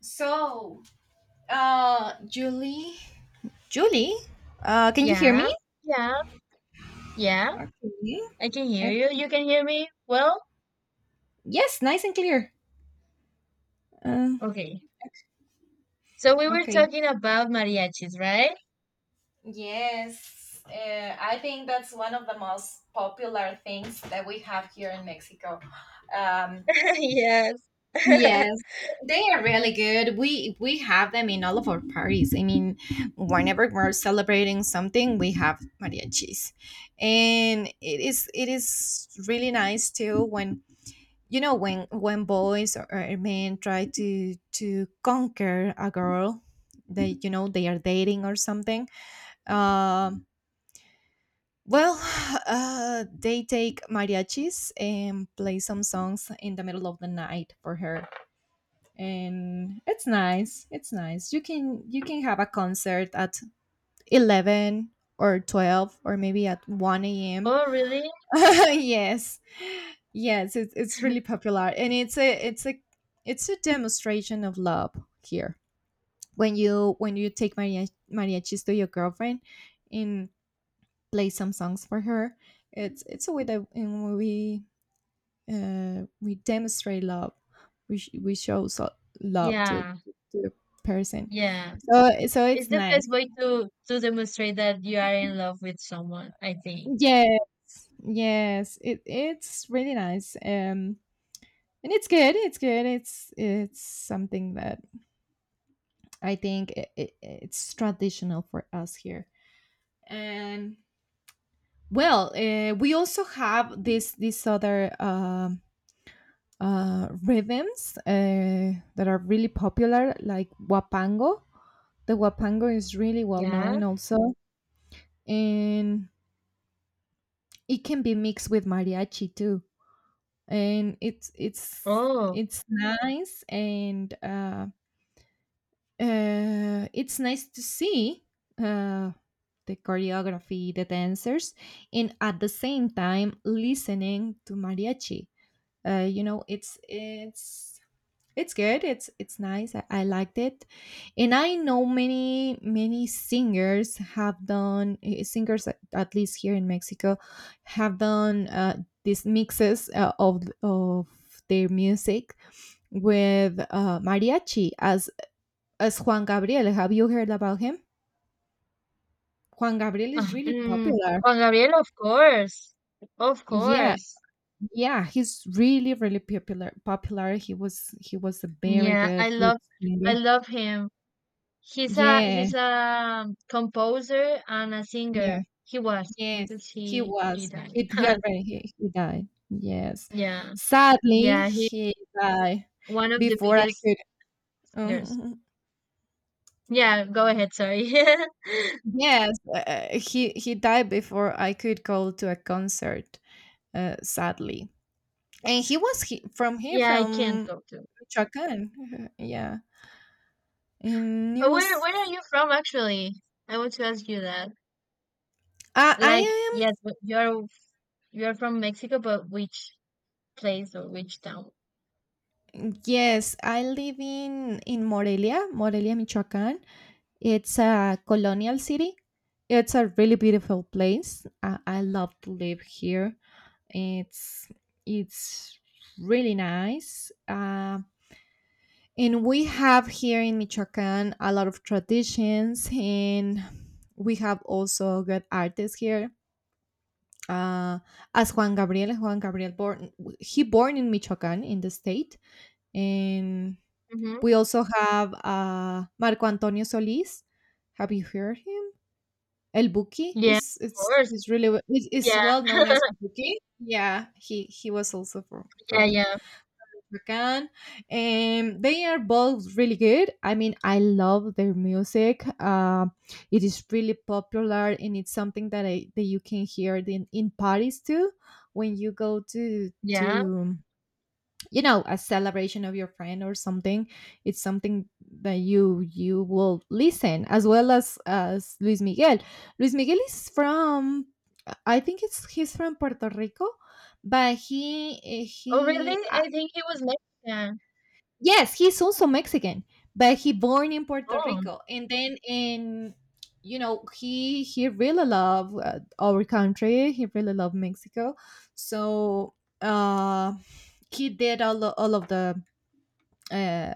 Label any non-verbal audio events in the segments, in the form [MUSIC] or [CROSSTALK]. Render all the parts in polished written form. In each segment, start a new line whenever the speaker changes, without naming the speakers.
So, Julie, Julie, can you hear
Yeah,
me?
yeah, yeah.
Okay,
I can hear you.
okay.
You can hear me? Well,
Yes, nice and clear. Uh,
okay. So we were
okay.
talking about mariachis, right?
Yes, I think that's one of the most popular things that we have here in Mexico. Um,
[LAUGHS] Yes. [LAUGHS]
Yes, they are really good. We have them in all of our parties. I mean, whenever we're celebrating something, we have mariachis, and it is really nice too when when boys or men try to conquer a girl that they are dating or something. Um well [SIGHS] they take mariachis and play some songs in the middle of the night for her. And it's nice. You can have a concert at 11 or 12 or maybe at 1 a.m.
Oh, really?
[LAUGHS] Yes, yes, it's really popular, and it's a demonstration of love here when you take mariachis to your girlfriend and play some songs for her. It's a way that, in we demonstrate love. We show so love to,
Yeah,
the person.
yeah.
So
It's
it's
the
nice.
best way to demonstrate that you are in love with someone, I think.
Yeah, yes it's really nice. And it's good it's good it's something that I think it's traditional for us here. And, well, we also have this other, rhythms, that are really popular, like wapango. The wapango is really well
Yeah.
known also, and it can be mixed with mariachi too, and it's it's
Oh.
it's nice. And it's nice to see, uh, the choreography, the dancers, and at the same time listening to mariachi. Uh, you know, it's it's it's good. It's nice. I liked it, and I know many singers have done, singers, at least here in Mexico, have done, these mixes, of their music with, mariachi, as Juan Gabriel. Have you heard about him? Juan Gabriel
Uh,
is really
mm,
popular.
Juan Gabriel, of course. Of
Yeah,
course.
yeah, he's really, really popular. Popular. He was a very
Yeah,
good
I
singer.
love him.
Yeah,
He's a composer and a
yeah,
singer. He was
yes,
because
he
he
was.
died.
He
[LAUGHS]
already, he died. Yes,
Yeah.
sadly
Yeah, he
he died
one of the
before I
biggest
could. [LAUGHS]
singers.
Mhm.
Yeah, go ahead, sorry. [LAUGHS]
Yes, he died before I could go to a concert. Sadly, and from here,
Yeah, I can't
from
go to.
Michoacan. [LAUGHS] Yeah. And it
Uh, Where
was,
where are you from actually? I want to ask you that.
I I
Like, yes,
am
but you're from Mexico, but which place or which town?
yes, I live in Morelia, Michoacán. It's a colonial city. It's a really beautiful place. I love to live here. It's it's really nice. And we have here in Michoacán a lot of traditions, and we have also good artists here, uh, as Juan Gabriel. Juan Gabriel born, he born in Michoacán, in the state, and
Mm-hmm.
we also have, Marco Antonio Solís. Have you heard him? El Buki,
Yeah,
is
of
it's
course.
is really is
Yeah,
well known as El Buki. Yeah, he was also from
yeah,
from
yeah.
African. And they are both really good. I mean, I love their music. It is really popular, and it's something that I that you can hear in parties too, when you go to
Yeah.
to a celebration of your friend or something. It's something that you will listen, as well as Luis Miguel. Luis Miguel is from. I think it's he's from Puerto Rico, but
Oh,
he...
really? I think he was Mexican.
Yes, he's also Mexican, but he born in Puerto
Oh,
Rico, and then in, he really love, our country. He really love Mexico, so, uh, he did, all of the, uh,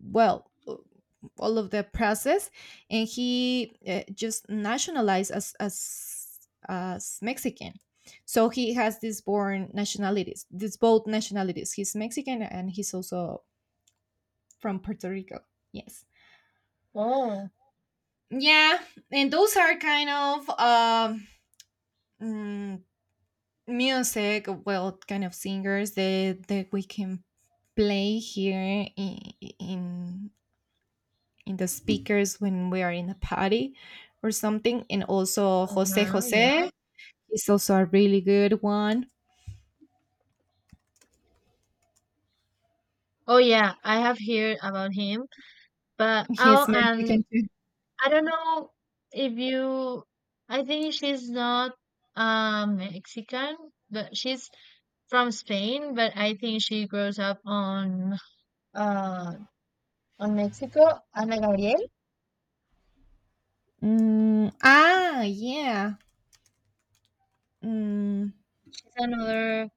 well, all of the process, and he, just nationalized as, as Mexican. So he has these born nationalities, these both nationalities. He's Mexican and he's also from Puerto Rico. Yes.
oh.
Yeah, and those are kind of, mm, music, well, kind of singers that we can play here in in the speakers when we are in a party or something. And also Jose
Uh-huh, yeah.
Jose is also a really good one.
Oh yeah, I have heard about him, but
He's
oh, and
Mexican too.
I don't know if you. I think she's not Mexican, but she's from Spain. But I think she grows up uh on Mexico. Ana Gabriel.
Mm, ah, yeah. Mm,
She's another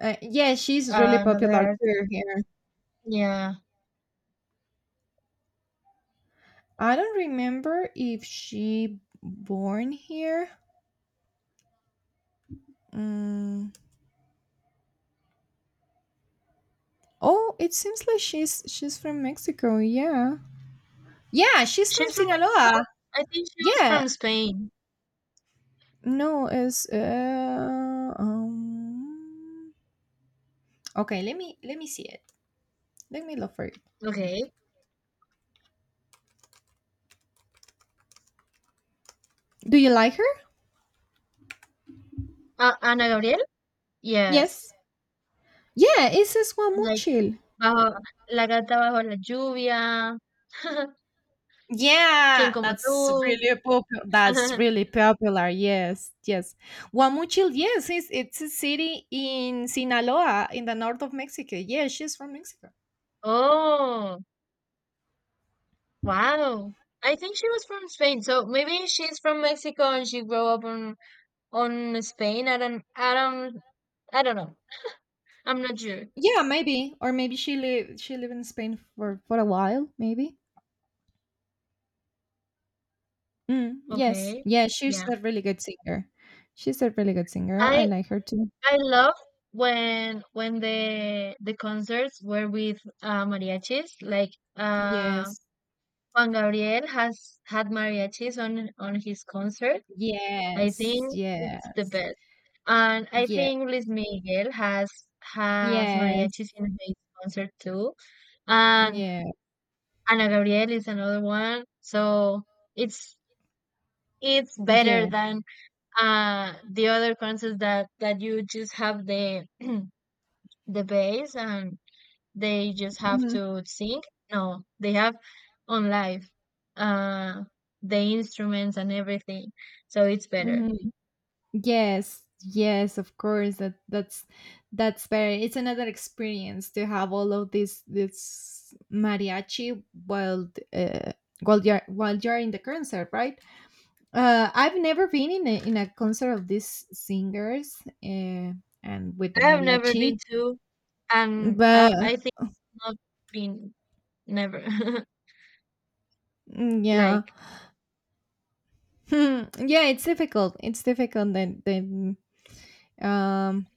yeah, she's really
uh, another
popular
artist.
too here.
Yeah,
I don't remember if she born here. Mm. Oh, it seems like she's from Mexico. Yeah, yeah, she's from
she's from Mexico.
Sinaloa.
I think she was
Yeah.
from Spain.
No, it's um. Okay, let me see it. Let me look for it.
Okay.
Do you like her?
Ana Gabriel. Yes.
Yes. Yeah, it's Esquamuchil.
Bajo la carta bajo la lluvia, [LAUGHS] Quién
Yeah,
como
that's
tú.
really popular. That's
[LAUGHS]
really popular. Yes, yes. Guamuchil, yes, it's a city in Sinaloa, in the north of Mexico. Yeah, she's from Mexico.
Oh, wow. I think she was from Spain, so maybe she's from Mexico and she grew up on Spain. I don't know. I'm not sure.
Yeah, maybe, or maybe she lived in Spain for a while. Maybe. Mm, yes,
Okay.
yeah, she's
Yeah.
a really good singer. She's a really good singer. I
I
like her too.
I love when the concerts were with mariachis. Like, uh,
Yes,
Juan Gabriel has had mariachis on his concert. I think
yes,
it's the
yes,
best. And I
yeah,
think Luis Miguel has
yes,
mariachis in his concert too. And
yeah,
Ana Gabriel is another one. So it's it's better
yeah.
than the other concerts that you just have the [CLEARS THROAT] the bass, and they just have to sing. No, they have on live uh the instruments and everything. So it's better.
Hmm. Yes, yes, of course. That's very. It's another experience to have all of this mariachi while, while you're in the concert, right? I've never been in a concert of these singers, uh, and with the
I have never been
mariachi,
to, and
but,
I think not been never. [LAUGHS]
mm, yeah.
Like,
[LAUGHS] Hmm, yeah, it's difficult. It's difficult. Then um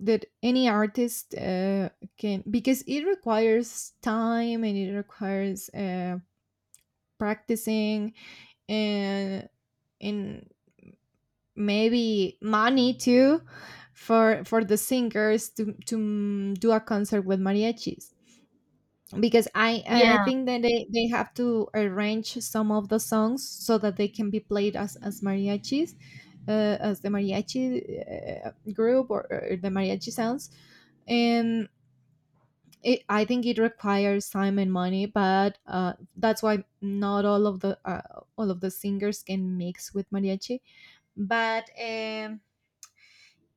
that any artist, can, because it requires time and it requires, practicing, and and maybe money too, for the singers to, do a concert with mariachis, because I
yeah,
think that they have to arrange some of the songs so that they can be played as, mariachis, as the mariachi, group, or, the mariachi sounds. And I think it requires time and money, but, that's why not all of the, all of the singers can mix with mariachi. But,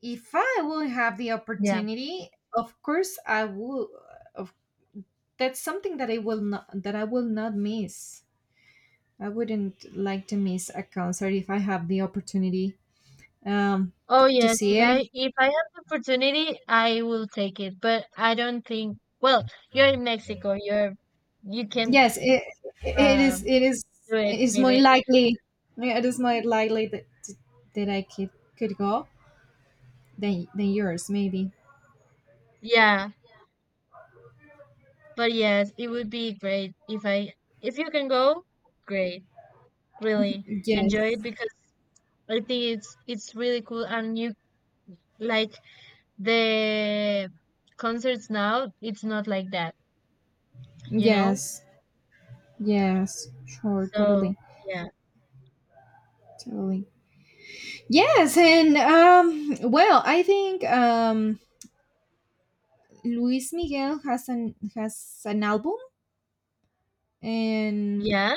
if I will have the
yeah.
opportunity, of course I will. Of, that's something that I will not, that I will not miss. I wouldn't like to miss a concert if I have the opportunity, um,
Oh
to
yes,
see it.
if I have the opportunity, I will take it. But I don't think. Well, you're in Mexico. You can
Yes, it is.
um
It is.
do it
It is more
maybe.
likely. Yeah, it is more likely that I could go than yours, maybe.
Yeah, but yes, it would be great if you can go. Great, really enjoy
Yes.
it because I think it's really cool, and you like the concerts now, it's not like that, you know,
Yes. Yes. Sure.
so
Totally.
yeah.
Totally. Yes, and well, I think. Luis Miguel has an, has an album, and
Yeah,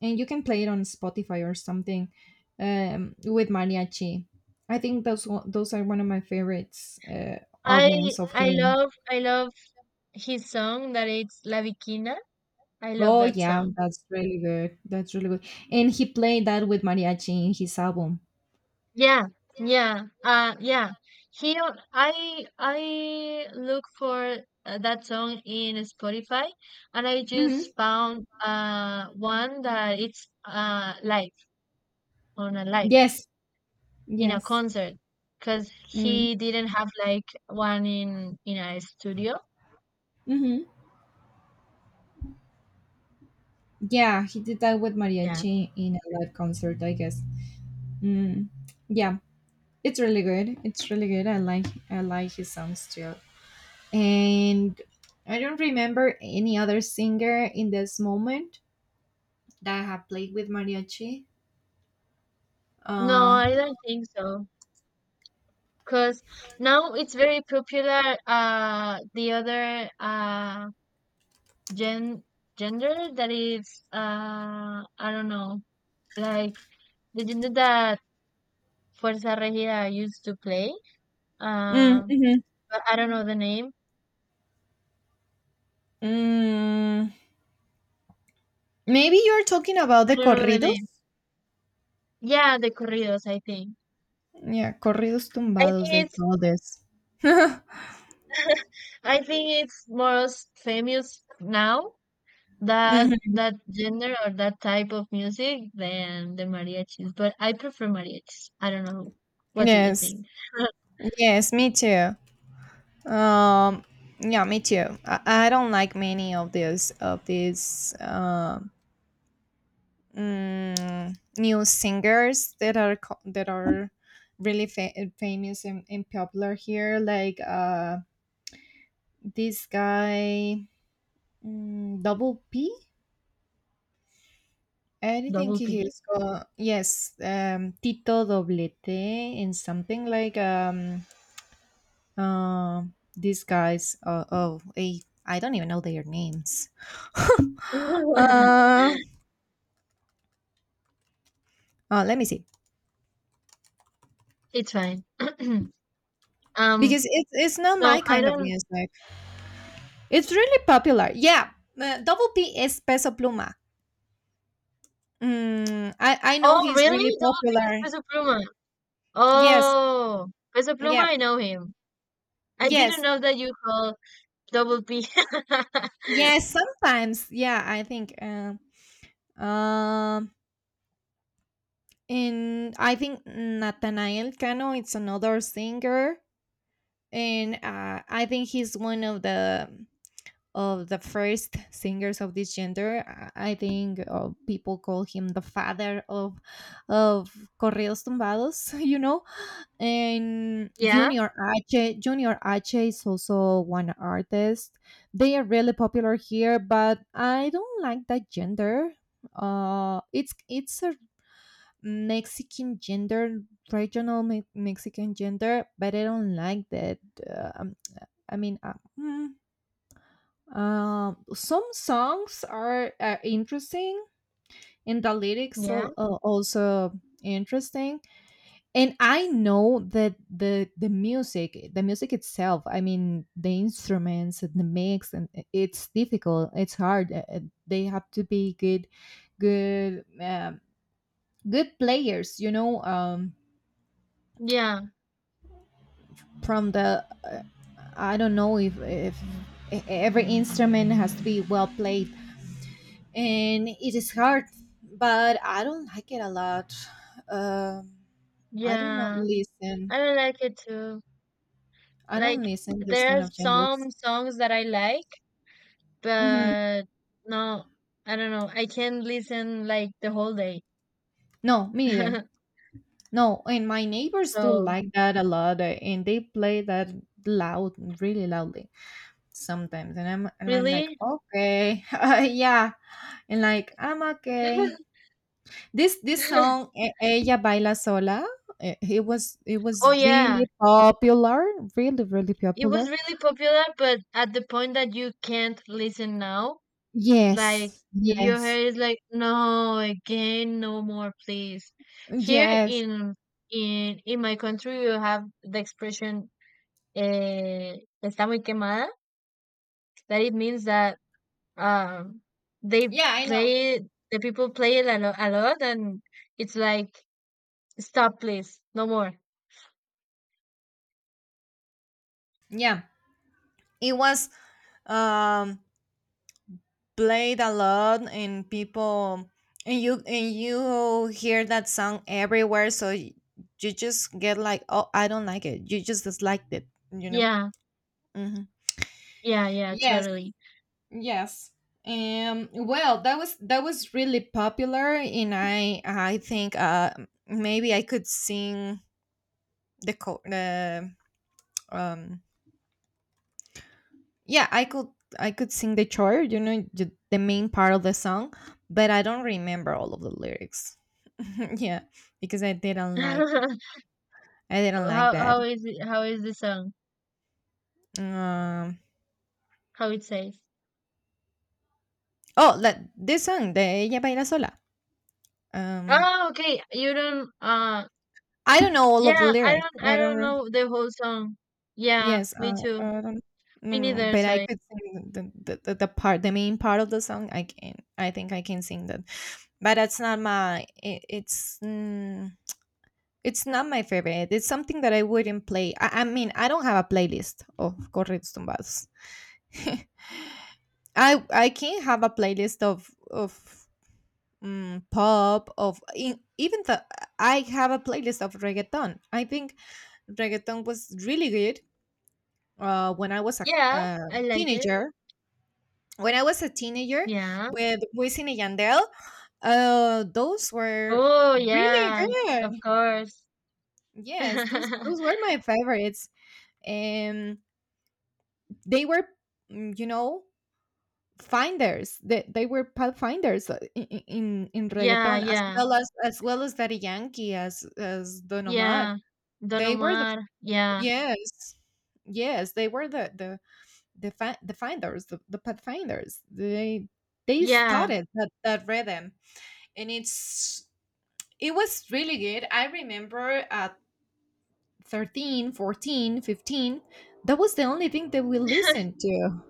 you can play it on Spotify or something, with mariachi. I think those are one of my favorites,
i
albums of him.
I love his song that it's la Bikina. I love
Oh
that
yeah,
song.
that's really good. That's really good. And he played that with mariachi in his album.
Yeah, yeah, yeah. He al- i i look for that song in Spotify, and I just
Hmm.
found one that it's live, on a live
Yes,
in a
yes.
concert, because
Mm.
he didn't have like one in a studio.
Hmm. Yeah, he did that with
Yeah.
mariachi in a live concert, I guess. Mm. Yeah, it's really good. It's really good. I like his songs too. And I don't remember any other singer in this moment that have played with mariachi.
No,
Uh,
I don't think so. Because now it's very popular. The other gen gender that is, I don't know, like the gender that Fuerza Regida used to play.
mm,
Uh,
mhm.
but I don't know the name.
Mm, maybe you're talking about
I
the
don't know the name.
corridos.
Yeah, the corridos. I think.
Yeah, corridos
I think
tumbados they
it's.
call this.
I think it's most famous now that
Mhm.
that gender or that type of music than the mariachis. But I prefer mariachis. I don't know. What do you
Yes,
think?
yes, me too. Um, yeah, me too. I don't like many of these new singers that are, that are really, famous and popular here, like, this guy, Double P, I think
Double
he
P?
is called. Yes, Tito Doblete, and something like, uh, these guys, oh, I don't even know their names.
[LAUGHS]
uh, Let me see,
It's fine. [CLEARS THROAT] Um,
because it's not
no,
my
I
kind of
don't.
music. It's really popular. Yeah, Double P is Peso Pluma. Mm, I know
Oh, really?
he's really
Double P is
popular.
Peso Pluma.
Yes,
Oh, Peso Pluma,
yeah,
I know him. I didn't
yes,
know that you call Double P. [LAUGHS]
yes. Sometimes, yeah, I think. Um, and I think Nathaniel Cano. It's another singer, and, I think he's one of the first singers of this gender. I think, people call him the father of corridos tumbados. [LAUGHS] And
Yeah,
Junior H. Junior H is also one artist. They are really popular here, but I don't like that gender. It's a Mexican gender, regional, Mexican gender, but I don't like that. uh, Um, I mean, hmm, some songs are interesting, and the lyrics,
yeah,
also interesting. And I know that the music itself. I mean, the instruments and the mix, and it's difficult, it's hard. They have to be, good um, good players.
yeah,
From the I don't know if e- every instrument has to be well played and it is hard but I don't like it a lot um i do not
yeah.
listen
I don't like it too.
I don't
Like,
listen this
there are
kind of genders.
some songs that I like,
Mm-hmm.
but no, I don't know. I can listen like the whole day.
No, me neither.
[LAUGHS]
No, and my neighbors do
So,
like that a lot, and they play that loud, really loudly sometimes. And I'm like,
really?
okay, [LAUGHS] yeah, and like, I'm okay.
[LAUGHS]
This song, Ella Baila Sola, it was it
Oh
was
yeah,
really popular, really, really
it was
popular.
really popular, but at the point that you can't listen now, like
Yes,
if your hair
yes,
is like, no, again, no more, please. Here
yes.
in in my country, you have the expression, eh, está muy quemada. That it means that um they
Yeah, I know.
play it, the people play it a lot, a lot, and it's like stop, please, no more.
Yeah, it was. Um, Played a lot. And people and you hear that song everywhere, so you just get like, oh, I don't like it. You just disliked it.
Yeah,
Hmm.
yeah, yeah,
Yes,
totally.
yes. Well, that was really popular, and I think maybe I could sing the um yeah, I could sing the chore, the main part of the song. But I don't remember all of the lyrics. [LAUGHS] Yeah, because
[LAUGHS] How,
I didn't like that.
is it, how is the song,
Um,
how it says?
oh, that this song, the Ella Baila Sola. Um,
Oh, okay, you don't
I don't know all of the
yeah, i
lyrics.
don't i
I don't.
don't know the whole song. Yeah,
Yes,
me too.
I don't. No,
Me
no,
neither,
but I
sorry.
could sing the part, the main part of the song. I can. I think I can sing that. But that's not my. It's not my favorite. It's something that I wouldn't play. I mean, I don't have a playlist of corridos tumbados. [LAUGHS] I can have a playlist of pop, even the— I have a playlist of reggaeton, I think. Reggaeton was really good when I was a
Yeah, I like it.
teenager. when i was a teenager
Yeah.
with Wisin and Yandel, those were
Oh
really
yeah, of
good.
course.
Yes, those were
[LAUGHS]
my favorites. And they were, mm, you know finders, they were pathfinders in
Yeah,
reggaeton, as
yeah.
well as— Daddy Yankee, as Don Omar.
Yeah, Don
They were the—
Omar. Yeah,
yes. Yes, they were the finders, the pathfinders. They
yeah.
started that rhythm. And it was really good. I remember at 13, 14, 15— that was the only thing that we listened
[LAUGHS]
to.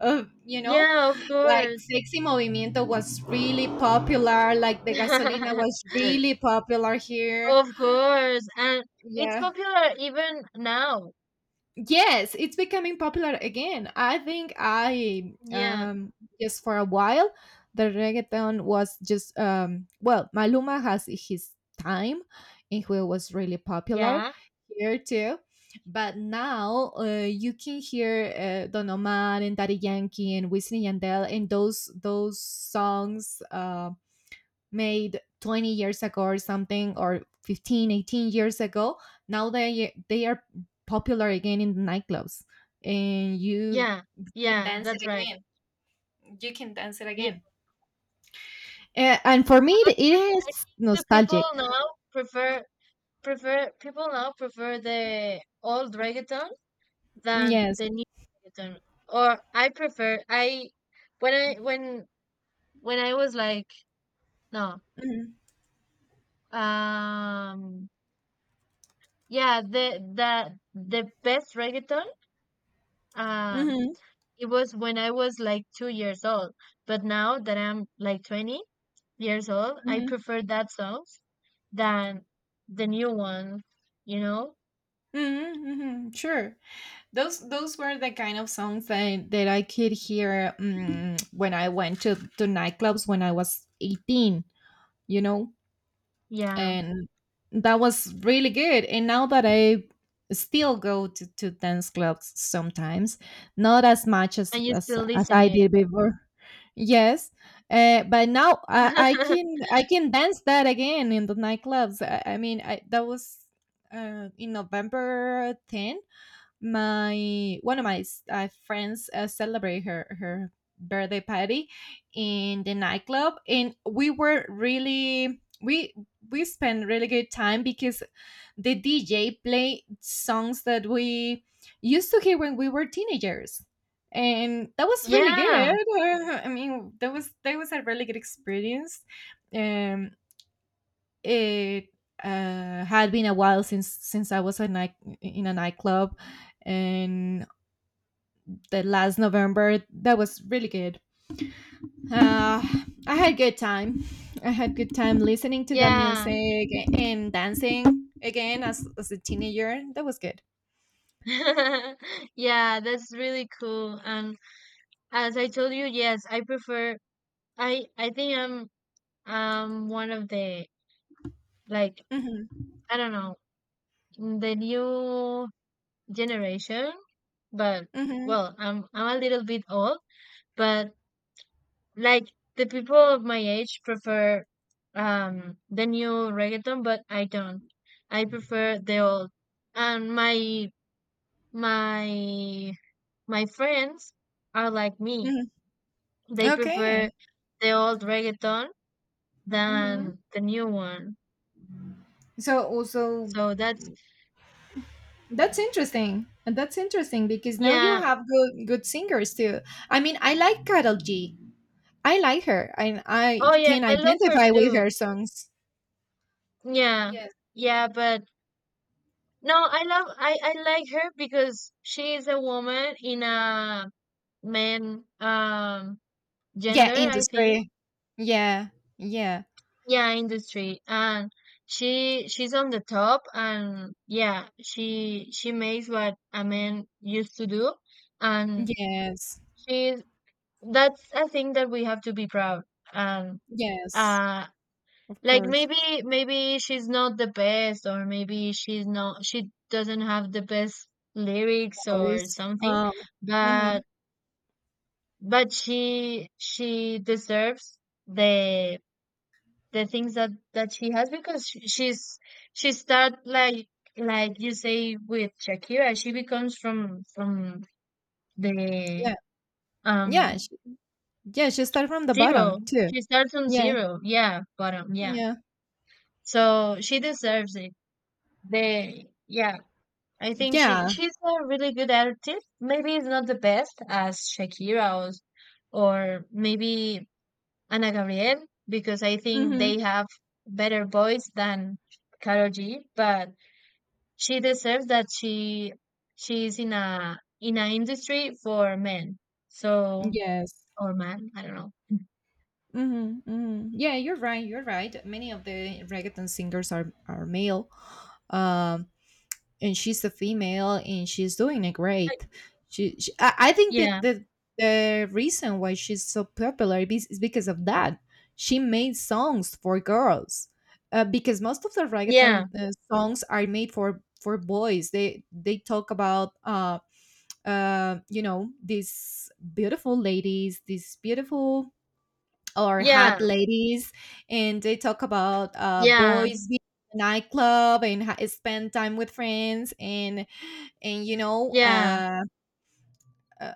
Uh, you know,
Yeah. Of
like
course,
Sexy Movimiento was really popular, like the Gasolina was
[LAUGHS]
really popular here.
of course, and it's
Yeah.
popular even now.
Yes, it's becoming popular again. I think I
Yeah,
just for a while the reggaeton was just, well, Maluma has his time, and he was really popular
yeah,
here too. But now you can hear Don Omar and Daddy Yankee and Wisin Yandel, and those songs made 20 years ago or something, or 15, 18 years ago. Now they are popular again in the nightclubs, and you
yeah,
can
yeah.
dance it
That's right.
again. You can dance it
Yeah.
again. And for me
But
it
I think
is
the people
nostalgic.
now prefer, the old reggaeton than
Yes.
the new reggaeton. Or I prefer, I when I was like no,
Mm-hmm.
um. Yeah, the the best reggaeton, um,
Mm-hmm.
it was when I was like 2 years old. But now that I'm like 20 years old, I
Mm-hmm.
prefer that songs than the new one, you know?
Mm-hmm. Mm-hmm. Sure. Those were the kind of songs that I could hear when I went to nightclubs when I was 18, you know?
Yeah.
And that was really good. And now that I still go to dance clubs sometimes— not as much as
And you
as,
still
as
listen
I
it.
did before. Yes. But now
[LAUGHS]
I can dance that again in the nightclubs. I mean, that was in November 10, my one of my friends celebrate her birthday party in the nightclub. And we spent really good time, because the DJ played songs that we used to hear when we were teenagers, and that was really good.
Yeah.
[LAUGHS] I mean, that was a really good experience. Um it Had been a while since I was a night— in a nightclub. And the last November that was really good. Uh, I had good time. I had good time listening to the
Yeah.
music and dancing again as a teenager. That was good.
[LAUGHS] Yeah, that's really cool. And as I told you, yes, I prefer, I think I'm one of the, like,
Mm-hmm,
I don't know, the new generation, but
mm-hmm.
well, I'm a little bit old, but like the people of my age prefer the new reggaeton, but I don't. I prefer the old. And my my friends are like me.
Hmm.
They prefer
Okay.
the old reggaeton
Hmm.
than the new one.
So also—
So that's
that's interesting. And that's interesting because now you
yeah.
have good good singers too. I mean, I like Carol G. I like her, and I
Oh yeah,
can
I love her
identify with
too.
her songs.
Yeah.
Yes.
Yeah, but no, I love, I like her because she is a woman in a man
Yeah,
gender, I think.
industry. Yeah. Yeah.
Yeah, industry. And she's on the top, and yeah, she makes what a man used to do, and
Yes.
she's that's a thing that we have to be proud. And
Yes.
uh,
Of
like
course.
maybe, she's not the best, or maybe she's not, she doesn't have the best lyrics
Always.
or something, but
Mhm.
she deserves the the things that that she has because she start, like you say, with Shakira, she becomes from the
Yeah. Yeah.
um
Yeah, she started from the
zero.
bottom too.
She starts from
Yeah.
zero. Yeah, bottom. Yeah.
Yeah.
So she deserves it. The yeah, I think,
Yeah.
she's a really good artist. Maybe it's not the best as Shakira, or maybe Ana Gabriel, because I think they
Mhm.
have better voice than Karol G. But she deserves that she is in a, in an industry for men. So
Yes.
or man, I don't know.
Mm-hmm, mm-hmm. Yeah, you're right. You're right. Many of the reggaeton singers are male, um, and she's a female, and she's doing it
I-
great. She I think that
Yeah,
the reason why she's so popular is because of that. She made songs for girls, because most of the
yeah,
reggaeton songs are made for boys. They talk about these beautiful ladies, these beautiful— or
yeah,
hot ladies, and they talk about
yeah,
boys being in a nightclub, and spend time with friends, and you know
yeah,
uh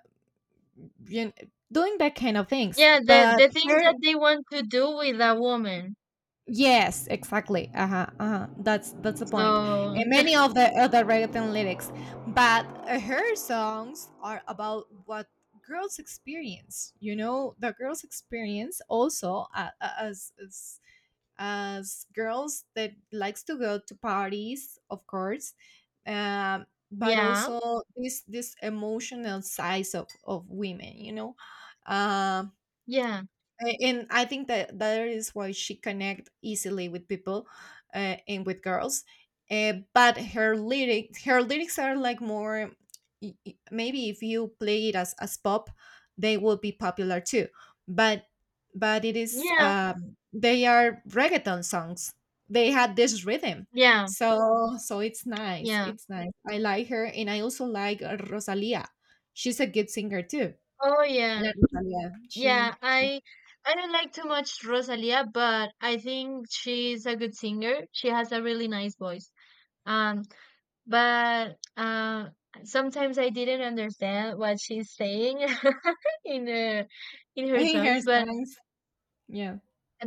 doing that kind of things.
yeah. The
But
things
her,
that they want to do with a woman.
yes, exactly. Uh huh. Uh-huh. That's the point.
So
And many of the other reggaeton lyrics— but her songs are about what girls experience, the girls experience also, as girls that likes to go to parties, of course.
[LAUGHS]
But
yeah.
also this emotional size of women. Um.
Yeah,
A- and I think that that is why she connect easily with people, and with girls. But her lyrics are like more— maybe if you play it as pop, they will be popular too. But it is,
yeah,
they are reggaeton songs. They had this rhythm.
yeah,
So it's nice.
yeah.
It's nice. I like her, and I also like Rosalia. She's a good singer too.
Oh yeah,
Yeah, Rosalia.
yeah.
She
I don't like too much Rosalia, but I think she's a good singer. She has a really nice voice. Um, but sometimes I didn't understand what she's saying [LAUGHS] in her, in her
He
songs.
hears
But
songs. Yeah.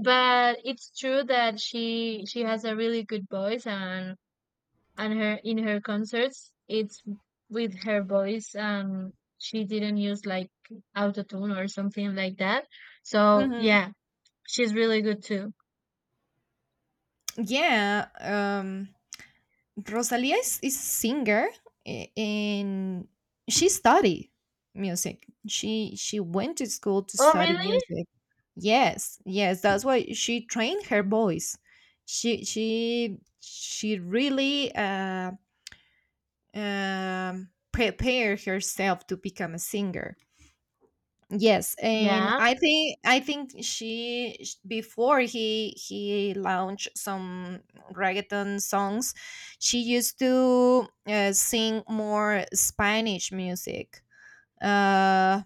it's true that she has a really good voice, and her in her concerts it's with her voice, she didn't use like autotune or something like that, so
Hmm.
yeah, she's really good too.
Yeah. Rosalia is a singer, a- and she study music. She went to school to
Oh,
study
really.
music. Yes, yes, that's why she trained her voice. She really prepared herself to become a singer. Yes, and
Yeah,
I think before he launched some reggaeton songs, she used to sing more Spanish music. Uh,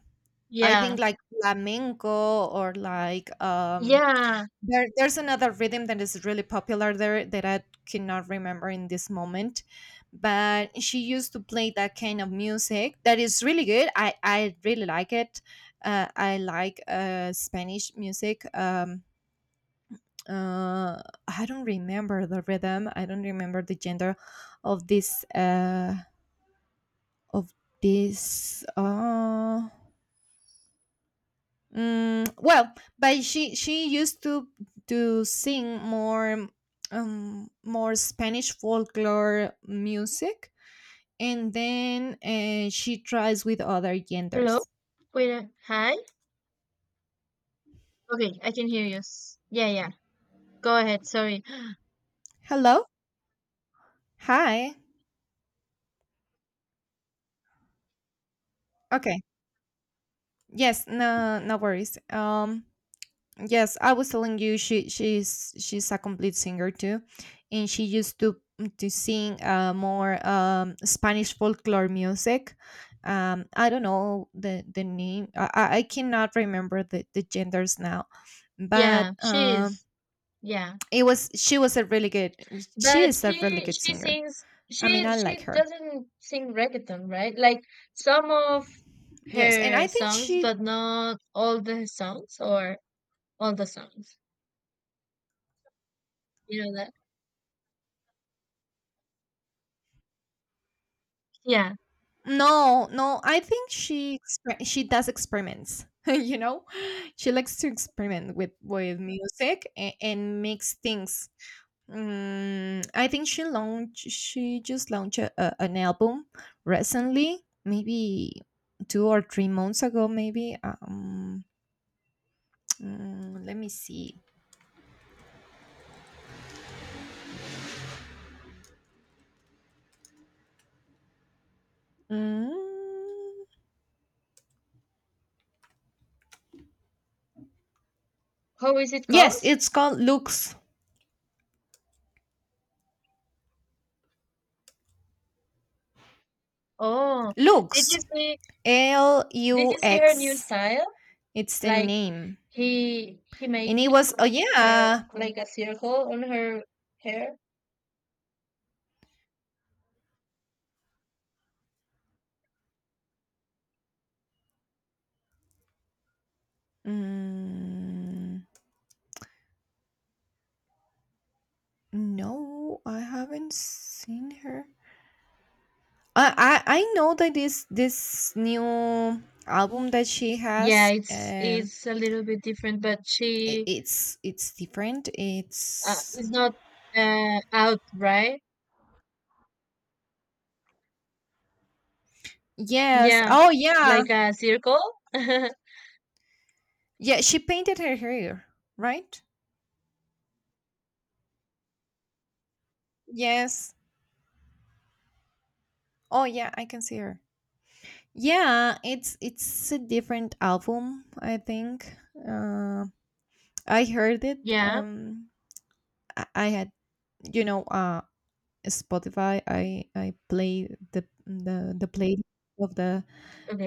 I
yeah,
think like flamenco, or like
yeah.
there's another rhythm that is really popular there that I cannot remember in this moment. But she used to play that kind of music that is really good. I really like it. I like Spanish music. Uh, I don't remember the rhythm. I don't remember the gender of this of this. Well, but she used to sing more more Spanish folklore music, and then she tries with other
Hello.
genders.
Wait, a- hi. Okay, I can hear you. S- yeah, yeah. Go ahead, sorry.
Hello, hi. Okay, yes, no worries. Yes, I was telling you she's a complete singer too, and she used to sing, more Spanish folklore music. I don't know the name. I cannot remember the genders now,
[GASPS]
but
Yeah, she is. Yeah.
it was she was a really good. She
But
is a really
she
good
she
singer.
sings,
I mean, I like
she
her.
doesn't sing reggaeton, right? Like some of
Yes, and
her
I think
songs,
she—
but not all the songs or all the songs. You know that? Yeah.
no, no, I think she does experiments. [LAUGHS] You know, she likes to experiment with music, and mix things. Mm, I think she just launched an album recently, maybe 2 or 3 months ago. Maybe [TSK] mm, let me see. Mm,
How is it called?
yes, it's called Lux
Oh, did you
Lux
see,
L U
her new
X.
style?
It's the
Like,
name.
he
And
make
it was— oh
her
yeah.
like a circle on her hair.
Mm, no, I haven't seen her. I know that this new album that she
Yeah,
has,
it's it's a little bit different, but
I
she,
it's different. It's—
is not, out, right?
yes.
Yeah,
Oh yeah.
like a circle. [LAUGHS]
Yeah, she painted her hair, right? Yes. Oh yeah, I can see her. Yeah, it's a different album, I think. Uh, I heard it.
Yeah,
I had— you know um Spotify, I play the play of the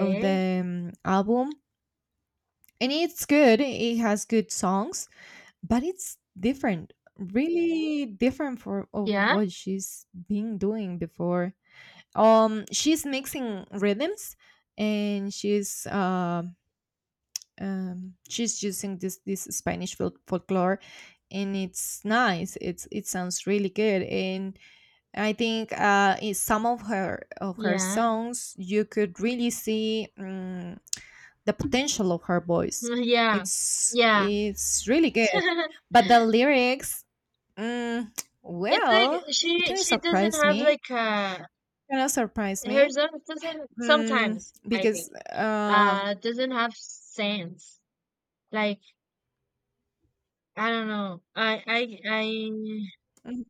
of the album, and it's good. It has good songs, but it's different, really different for of
Yeah,
what she's been doing before. She's mixing rhythms, and she's using this Spanish folklore, and it's nice. It sounds really good, and I think in some of her
yeah.
songs, you could really see, the potential of her
[LAUGHS]
voice.
Yeah,
It's
yeah.
it's really good,
[LAUGHS]
but the lyrics, mm,
It's like,
well, it kind of
she doesn't
surprised
have
me.
like, uh,
Kind of surprised
her
me,
son doesn't, sometimes I
because
think, uh, doesn't have sense. Like, I don't know. I
mm,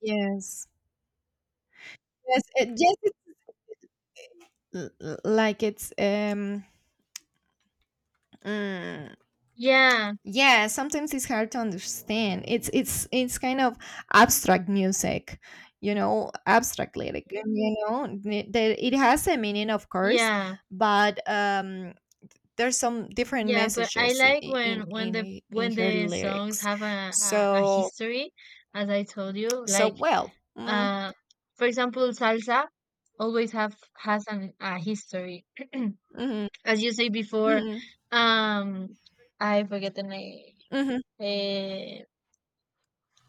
yes, yes, yes, like mm,
yeah,
yeah, sometimes it's hard to understand. It's kind of abstract music, abstract lyric, you know, that it has a meaning, of course,
yeah,
but there's some different
yeah. But I
messages in
like when,
in in,
the,
in in
when
her
the songs
lyrics.
have a, a
So
history, as I told you, like,
well,
uh, for example, salsa always have, has an, a history.
mhm,
As you say before,
mhm,
um, I forget the name.
mhm,
Eh,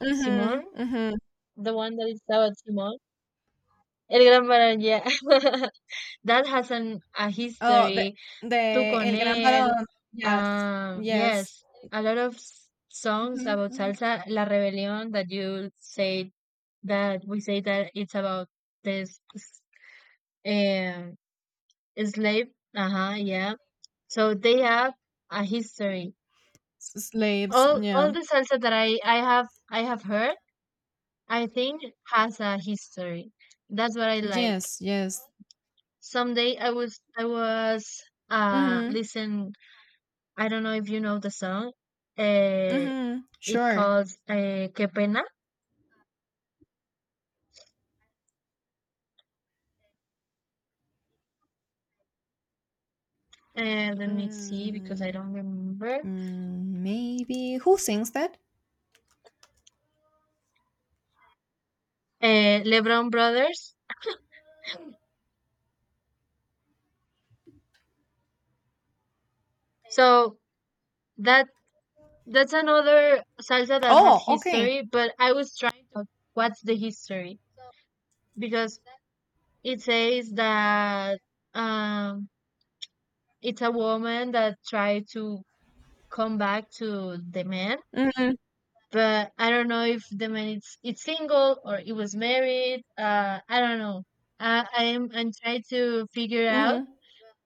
mhm,
Simon,
mhm.
the one that is about Simon. El Gran Barón, yeah. [LAUGHS] That has an a
Oh,
history.
the
Tú con
el gran
él.
varón, yes, yes.
Yes, a lot of s- songs
Mhm,
about
mhm.
salsa. La Rebelión, that you say that we say, that it's about this, um slave. Uh-huh, yeah. So they have a history.
Slaves,
All
yeah.
the salsa that I have, I have heard, I think has a history. That's what I like.
Yes, yes.
Someday I was, uh,
Mhm.
listen, I don't know if you know the song. Uh,
Mhm.
it
Sure.
calls, uh, Que Pena. Let me see because I
Mm,
don't remember.
mm, maybe who sings that?
LeBron Brothers. So that, that's another salsa that has
Oh, okay.
history, but I was trying to, what's the history, because it says that, um, it's a woman that tried to come back to the man,
Mhm.
but I don't know if the man it's, single or it was married. I don't know. I'm trying to figure out
Mhm.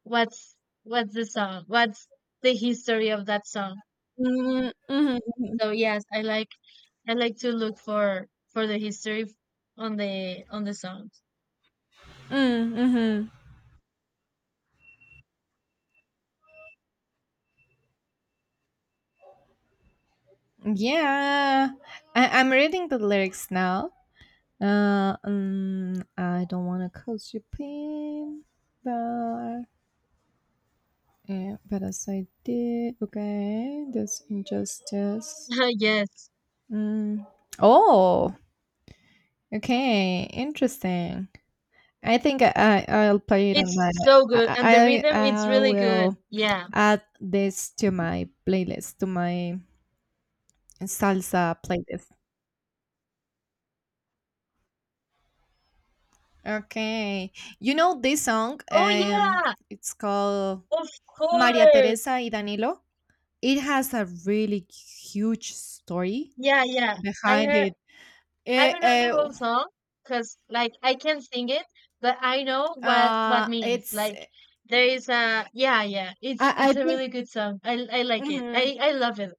what's what's the song, what's the history of that song.
Mhm. Mhm.
So yes, I like, I like to look for, the history, f- on the songs.
Mhm. Mhm. Yeah. I'm reading the lyrics now. I don't want to cause you pain, but yeah, but as I did, okay, this injustice.
[LAUGHS] Yes.
Mm. Oh, okay, interesting. I think I'll play it on
It's
my—
so good and the
I I
rhythm it's
I
really good.
will
Yeah.
add this to my playlist, to my salsa playlist. Okay. You know this song?
Oh yeah.
It's called
Of
Maria
course.
Teresa y Danilo. It has a really huge story
Yeah, yeah. I
behind
heard,
it.
I
It
don't know the whole song, cuz like I can sing it, but I know what means.
it's
Like, there is a yeah, yeah. It's
I
it's a
think.
really good song. I like it.
Mhm.
I love it.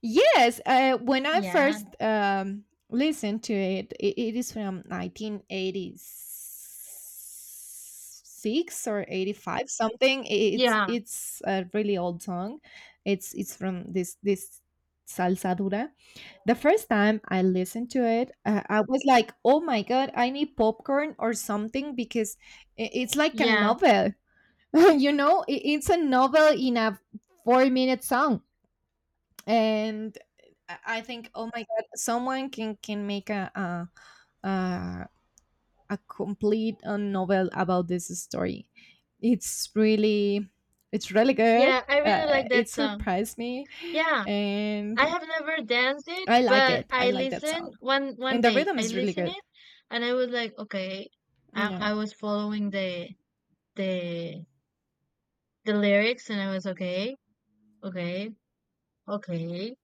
Yes, when I
Yeah.
first listened to it is from 1986, or 85 something. It's
Yeah.
it's a really old song. It's from this salsa dura. The first time I listened to it, I was like, "Oh my god, I need popcorn or something because it's like a
Yeah.
novel." [LAUGHS] You know, it's a novel in a 4-minute song, and I think, oh my god, someone can make a complete, novel about this story. It's really it's really good.
Yeah, I really like
It
that song.
surprised me,
Yeah.
and
I have never danced it,
I like
but
it. I
I
like that
listened
song,
one
and the
day.
rhythm
I
is really
listened
good.
it, and I was like, okay. I,
Yeah.
I was following the the lyrics, and I was okay, okay, okay.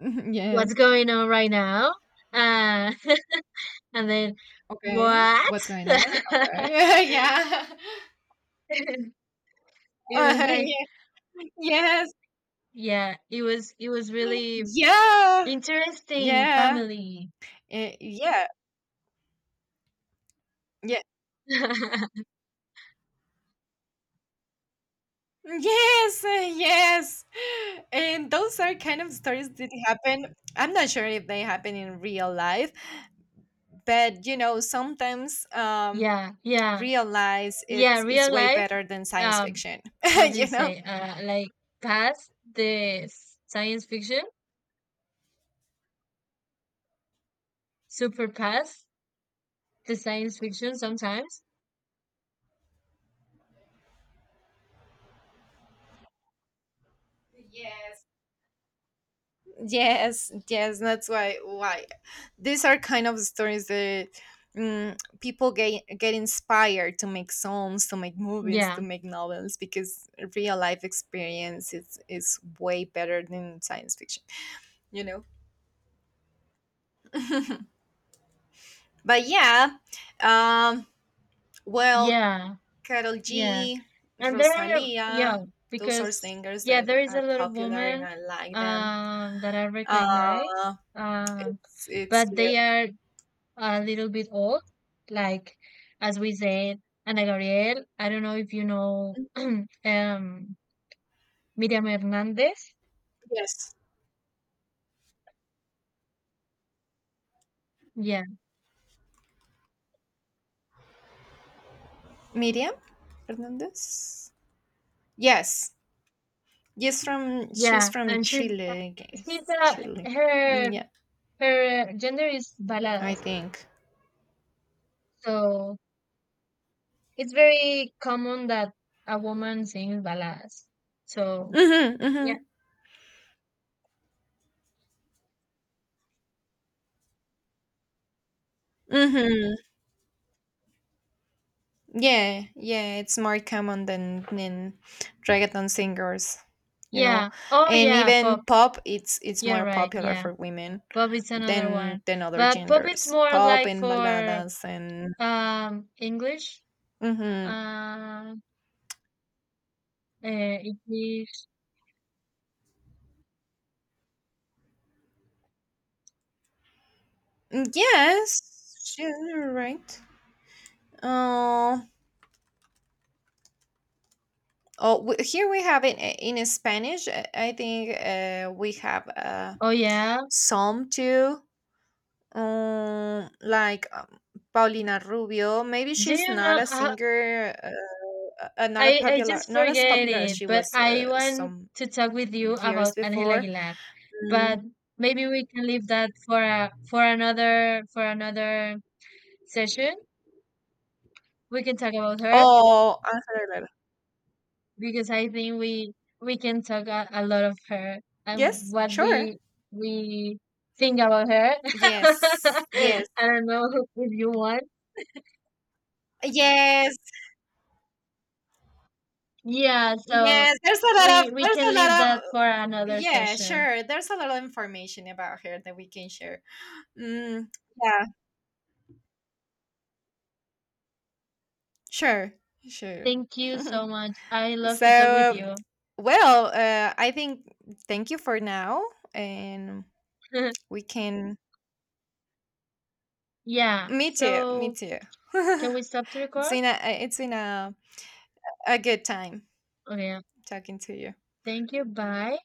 [LAUGHS]
What's
Yes.
going on right now? Uh, [LAUGHS] and then
Okay.
what?
What's going on?
[LAUGHS]
Okay. [LAUGHS] Yeah.
It was like,
Yeah. Yes.
yeah, it was really
Yeah.
interesting.
Yeah.
Family.
Eh, yeah. Yeah.
[LAUGHS]
Yes, yes. And those are kind of stories that happen. I'm not sure if they happen in real life, but you know, sometimes
Yeah, yeah,
real life,
yeah.
it's
Real
way
life,
better than science
um
fiction,
how
[LAUGHS]
do you
you know?
say, like, past the s- science fiction, super past the science fiction sometimes.
Yes, yes, that's why these are kind of stories that, people get inspired to make songs, to make movies, to
Yeah,
make novels, because real life experience is way better than science fiction, you know. But yeah, um, well,
yeah,
Carol
yeah,
G,
and there are, yeah,
Rosalia— those are
because
singers
yeah, there
that
is a
are
lot of
popular, and
women,
I like them.
that I recognize,
Uh,
um,
it's
but
good.
they are a little bit old, like as we said Ana Gabriel, I don't know if you know, [CLEARS THROAT] um, Miriam Hernandez,
Yes.
yeah.
Miriam Hernandez. Yes, yes, from she's
Yeah,
from
and she's
Chile, I
she's
guess. Chile.
her
Mm, yeah,
her gender is
I
baladas,
think.
so it's very common that a woman sings baladas. So
Mhm, mhm,
yeah,
mhm. Yeah, yeah. It's more common than reggaeton singers, you know,
yeah, oh
and
yeah, pop.
even pop. It's
You're
more
right.
popular
Yeah,
for women
pop is another one,
than other
but pop is
genders.
more
Pop
like
and
for,
baladas and.
um, English,
Mm-hmm.
uh, English.
Yes, you're right. Oh, Oh, here we have it in Spanish. I think we have
Oh yeah.
some too, like Paulina Rubio. Maybe
Do
she's
you
not a
know?
singer, not a
I
popular,
just
not as
forget
popular as
it,
she
but
was
I want
some
to talk with you
years
about Angela
before.
Aguilar.
Mm.
But maybe we can leave that for a, for another, session. We can talk about her,
Oh, Ángel Aguilar.
because I think, we can talk a lot of her, and
Yes,
what
sure,
we, we think about her. [LAUGHS]
yes, yes,
I don't know if you want.
yes,
Yeah, so
yes. There's a lot of—
we
there's
can
a
leave
lot of—
that for another
yeah,
session.
sure. There's a lot of information about her that we can share. Mm, yeah, sure, sure.
Thank you
[LAUGHS]
so much. I love to talk with
So,
you.
well, I think thank you for now, and
[LAUGHS]
we can.
Yeah.
Me too. Me
So
too.
can
[LAUGHS]
we stop to record?
It's been a good time
Oh yeah.
talking to you.
Thank you. Bye.